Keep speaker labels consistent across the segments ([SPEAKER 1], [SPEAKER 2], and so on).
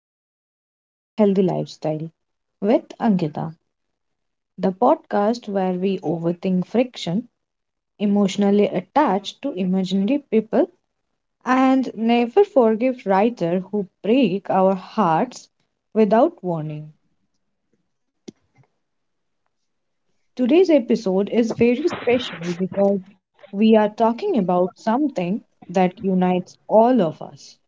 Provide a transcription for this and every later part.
[SPEAKER 1] welcome back to Healthy Lifestyle with Ankita, the podcast where we overthink friction, emotionally attached to imaginary people, and never forgive writer who break our hearts without warning. Today's episode is very special because we are talking about something that unites all of us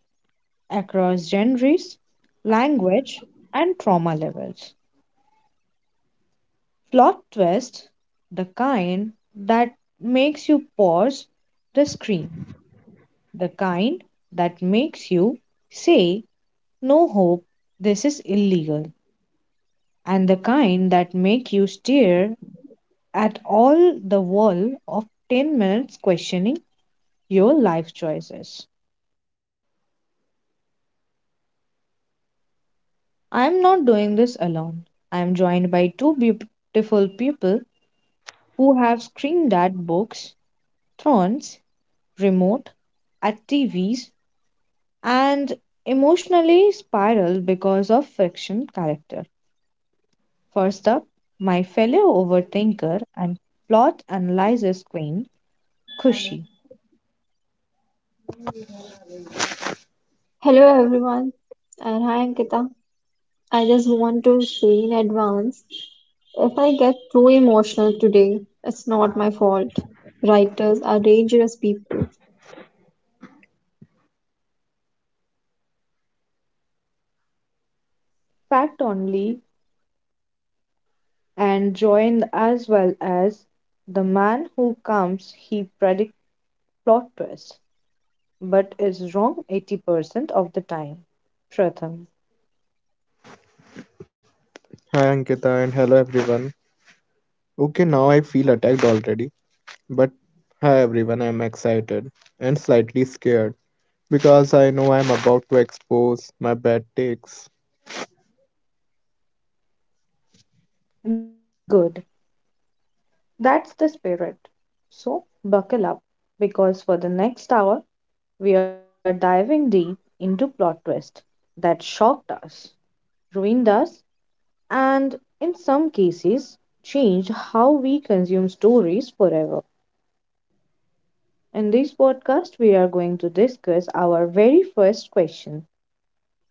[SPEAKER 1] across genres, language, and trauma levels. Plot twist, the kind that makes you pause the screen, the kind that makes you say, no hope, this is illegal, and the kind that make you stare at all the wall of 10 minutes questioning your life choices. I am not doing this alone. I am joined by two beautiful people who have screamed at books, thrones, remote, at TVs, and emotionally spiral because of friction character. First up, my fellow overthinker and plot analysis queen, Kushi.
[SPEAKER 2] Hello everyone, and hi Ankita. I just want to say in advance if I get too emotional today, it's not my fault. Writers are dangerous people.
[SPEAKER 1] Fact only, and joined as well as the man who comes he predict plot twist but is wrong 80% of the time. Pratham.
[SPEAKER 3] Hi Ankita and hello everyone. Okay, now I feel attacked already. But hi everyone, I'm excited and slightly scared because I know I'm about to expose my bad takes.
[SPEAKER 1] Good. That's the spirit. So buckle up, because for the next hour we are diving deep into plot twists that shocked us, ruined us, and in some cases changed how we consume stories forever. In this podcast, we are going to discuss our very first question: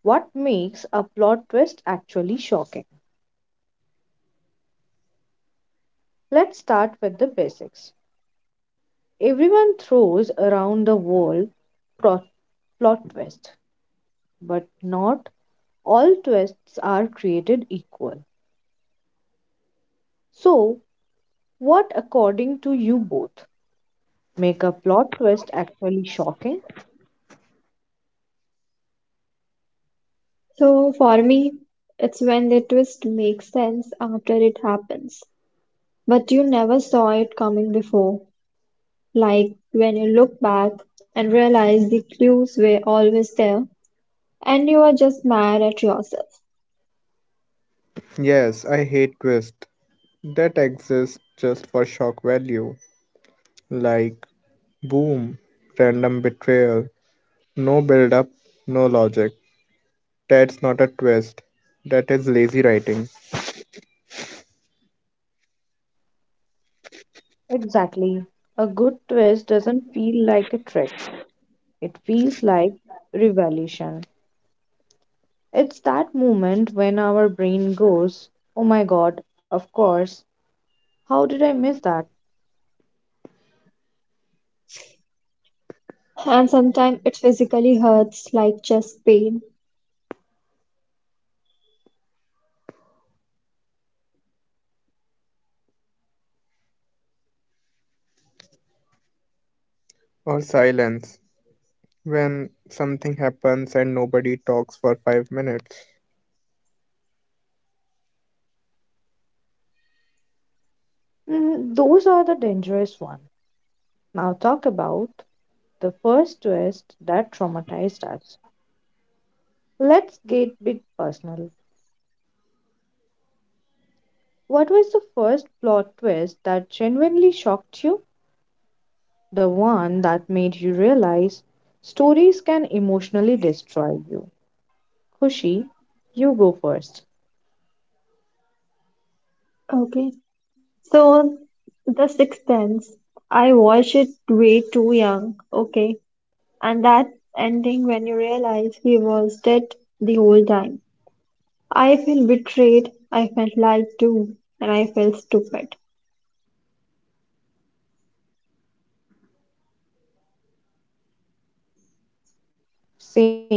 [SPEAKER 1] what makes a plot twist actually shocking? Let's start with the basics. Everyone throws around the word plot, plot twist, but not all twists are created equal. So, what, according to you both, make a plot twist actually shocking?
[SPEAKER 2] So for me, it's when the twist makes sense after it happens, but you never saw it coming before. Like when you look back and realize the clues were always there, and you are just mad at yourself.
[SPEAKER 3] Yes, I hate twists that exist just for shock value. Like boom, random betrayal, no build up, no logic. That's not a twist. That is lazy writing.
[SPEAKER 1] Exactly. A good twist doesn't feel like a trick, it feels like revelation. It's that moment when our brain goes, oh my god, of course, how did I miss that?
[SPEAKER 2] And sometimes it physically hurts, like chest pain.
[SPEAKER 3] Or silence when something happens and nobody talks for 5 minutes.
[SPEAKER 1] Mm, those are the dangerous ones. Now, talk about the first twist that traumatized us. Let's get bit personal. What was the first plot twist that genuinely shocked you? The one that made you realize stories can emotionally destroy you. Kushi, you go first.
[SPEAKER 2] Okay. So, The Sixth Sense. I watched it way too young. Okay. And that ending when you realize he was dead the whole time. I felt betrayed. I felt lied to. And I felt stupid.
[SPEAKER 1] Same.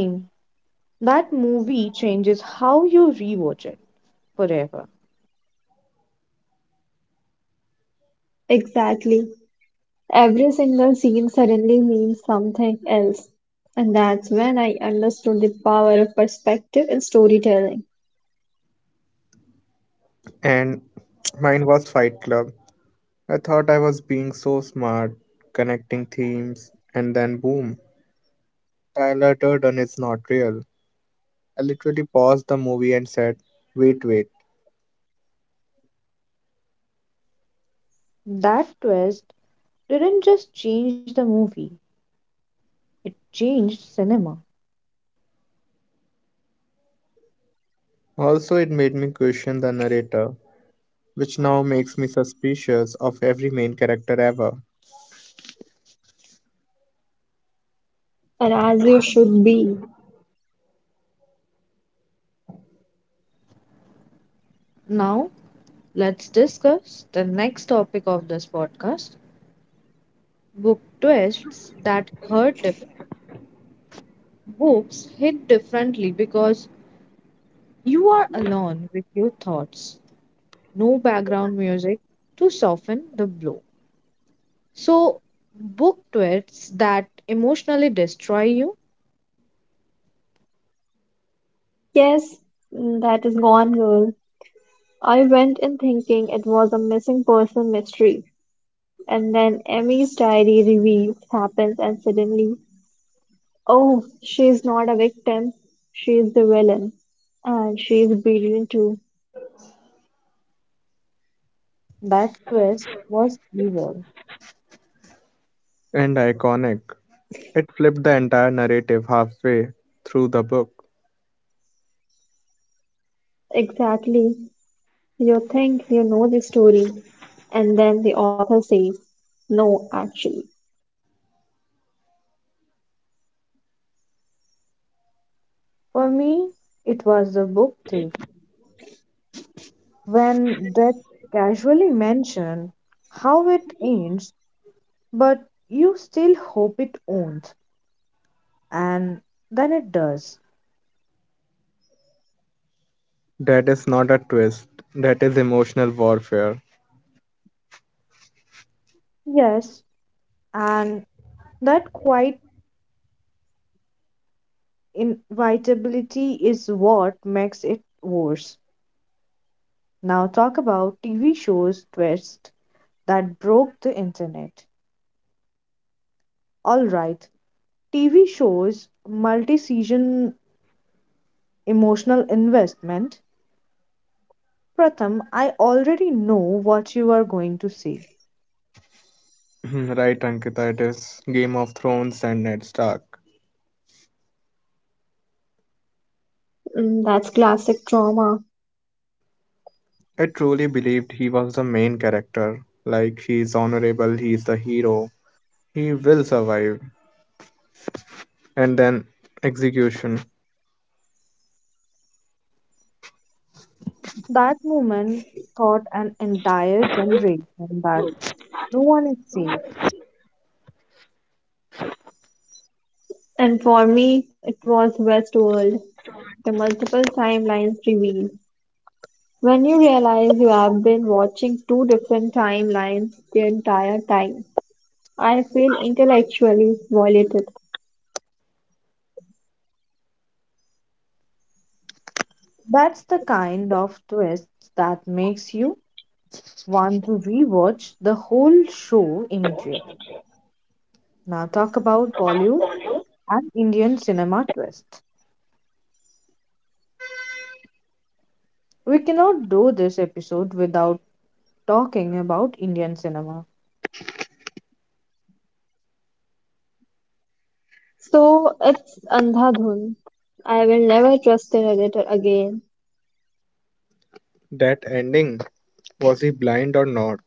[SPEAKER 1] That movie changes how you rewatch it forever.
[SPEAKER 2] Exactly. Every single scene suddenly means something else. And that's when I understood the power of perspective in storytelling.
[SPEAKER 3] And mine was Fight Club. I thought I was being so smart, connecting themes, and then boom, Tyler Durden is not real. I literally paused the movie and said, wait.
[SPEAKER 1] That twist didn't just change the movie, it changed cinema.
[SPEAKER 3] Also, it made me question the narrator, which now makes me suspicious of every main character ever.
[SPEAKER 2] And as you should be.
[SPEAKER 1] Now, let's discuss the next topic of this podcast: book twists that hurt different. Books hit differently because you are alone with your thoughts. No background music to soften the blow. So, book twists that emotionally destroy you.
[SPEAKER 2] Yes, that is Gone Girl. I went in thinking it was a missing person mystery, and then Emmy's diary reveal happens, and suddenly, oh, she's not a victim, she's the villain, and she's brilliant too.
[SPEAKER 1] That twist was evil.
[SPEAKER 3] And iconic. It flipped the entire narrative halfway through the book.
[SPEAKER 2] Exactly. You think you know the story, and then the author says, no, actually.
[SPEAKER 1] For me, it was The Book Thief. When Death casually mentioned how it ends, but you still hope it owns, and then it does.
[SPEAKER 3] That is not a twist, that is emotional warfare.
[SPEAKER 1] Yes, and that quite inevitability is what makes it worse. Now talk about TV shows twists that broke the internet. All right, TV shows, multi-season emotional investment. Pratham, I already know what you are going to say.
[SPEAKER 2] That's classic trauma.
[SPEAKER 1] That moment taught an entire generation that no one is safe.
[SPEAKER 2] And for me, it was Westworld, the multiple timelines reveal. When you realize you have been watching two different timelines the entire time, I feel intellectually violated.
[SPEAKER 1] That's the kind of twist that makes you want to rewatch the whole show immediately. Now talk about Bollywood and Indian cinema twist. We cannot do this episode without talking about Indian cinema.
[SPEAKER 2] So it's Andhadhun. I will never trust an editor again.
[SPEAKER 3] That ending, was he blind or not?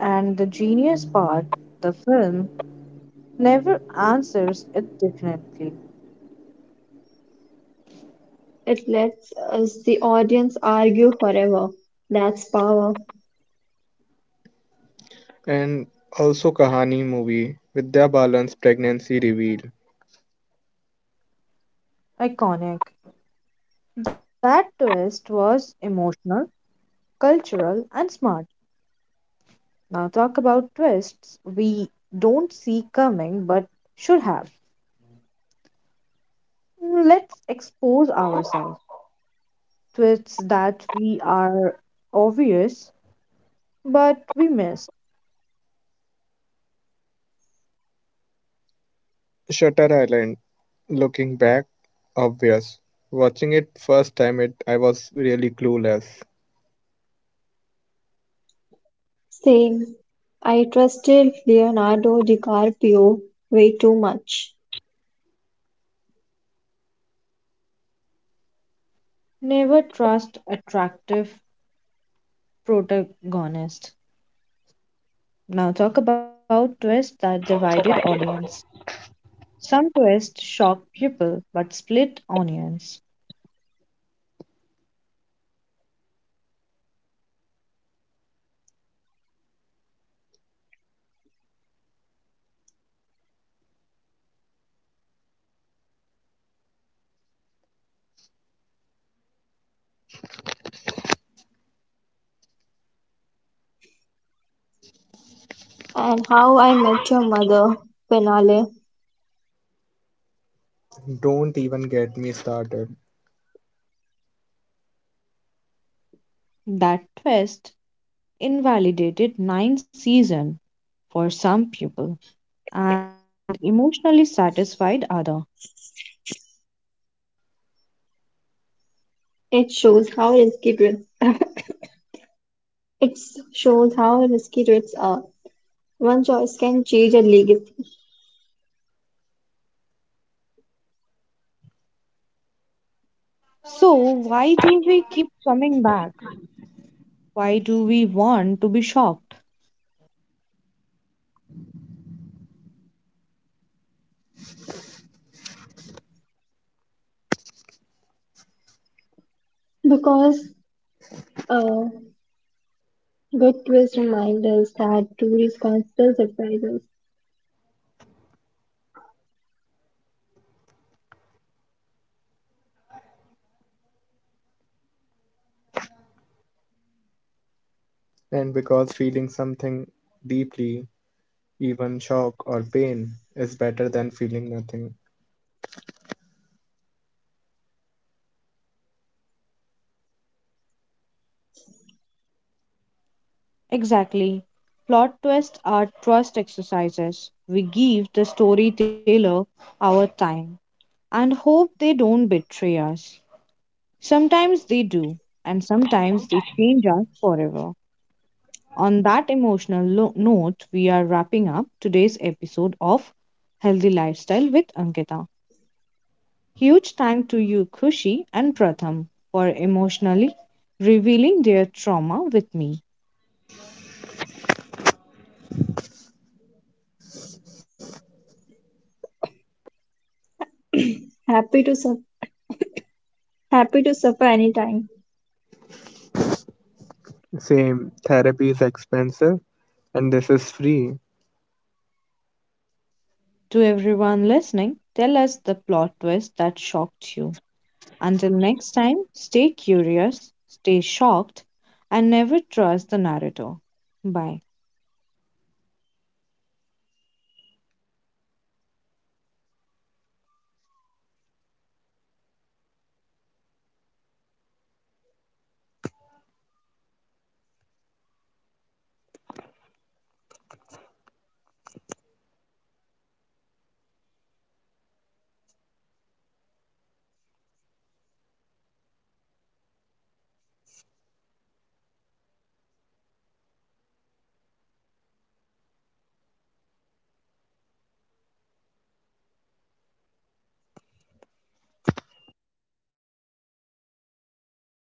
[SPEAKER 1] And the genius part, the film never answers it definitely.
[SPEAKER 2] It lets us, the audience, argue forever. That's power.
[SPEAKER 3] And also, Kahani movie, Vidya Balan's pregnancy reveal.
[SPEAKER 1] Iconic. That twist was emotional, cultural, and smart. Now, talk about twists we don't see coming but should have. Let's expose ourselves. Twists that we are obvious but we miss.
[SPEAKER 3] Shutter Island, looking back, obvious. Watching it first time, it I was really clueless.
[SPEAKER 2] Same. I trusted Leonardo DiCaprio way too much.
[SPEAKER 1] Never trust attractive protagonist. Now talk about twists that divided audience. Some twists shocked people but split onions.
[SPEAKER 2] And How I Met Your Mother finale.
[SPEAKER 3] Don't even get me started.
[SPEAKER 1] That twist invalidated 9 season for some people and emotionally satisfied other.
[SPEAKER 2] It shows how risky dr- It shows how risky twists are. One choice can change a legacy.
[SPEAKER 1] So why do we keep coming back? Why do we want to be shocked?
[SPEAKER 2] Because a good twist reminds us that truth is constant surprises.
[SPEAKER 3] And because feeling something deeply, even shock or pain, is better than feeling nothing.
[SPEAKER 1] Exactly. Plot twists are trust exercises. We give the storyteller our time and hope they don't betray us. Sometimes they do, and sometimes they change us forever. On that emotional note, we are wrapping up today's episode of Healthy Lifestyle with Ankita. Huge thank to you, Kushi and Pratham, for emotionally revealing their trauma with me.
[SPEAKER 2] Happy to suffer. Happy to suffer anytime.
[SPEAKER 3] Same. Therapy is expensive and this is free.
[SPEAKER 1] To everyone listening, tell us the plot twist that shocked you. Until next time, stay curious, stay shocked, and never trust the narrator. Bye.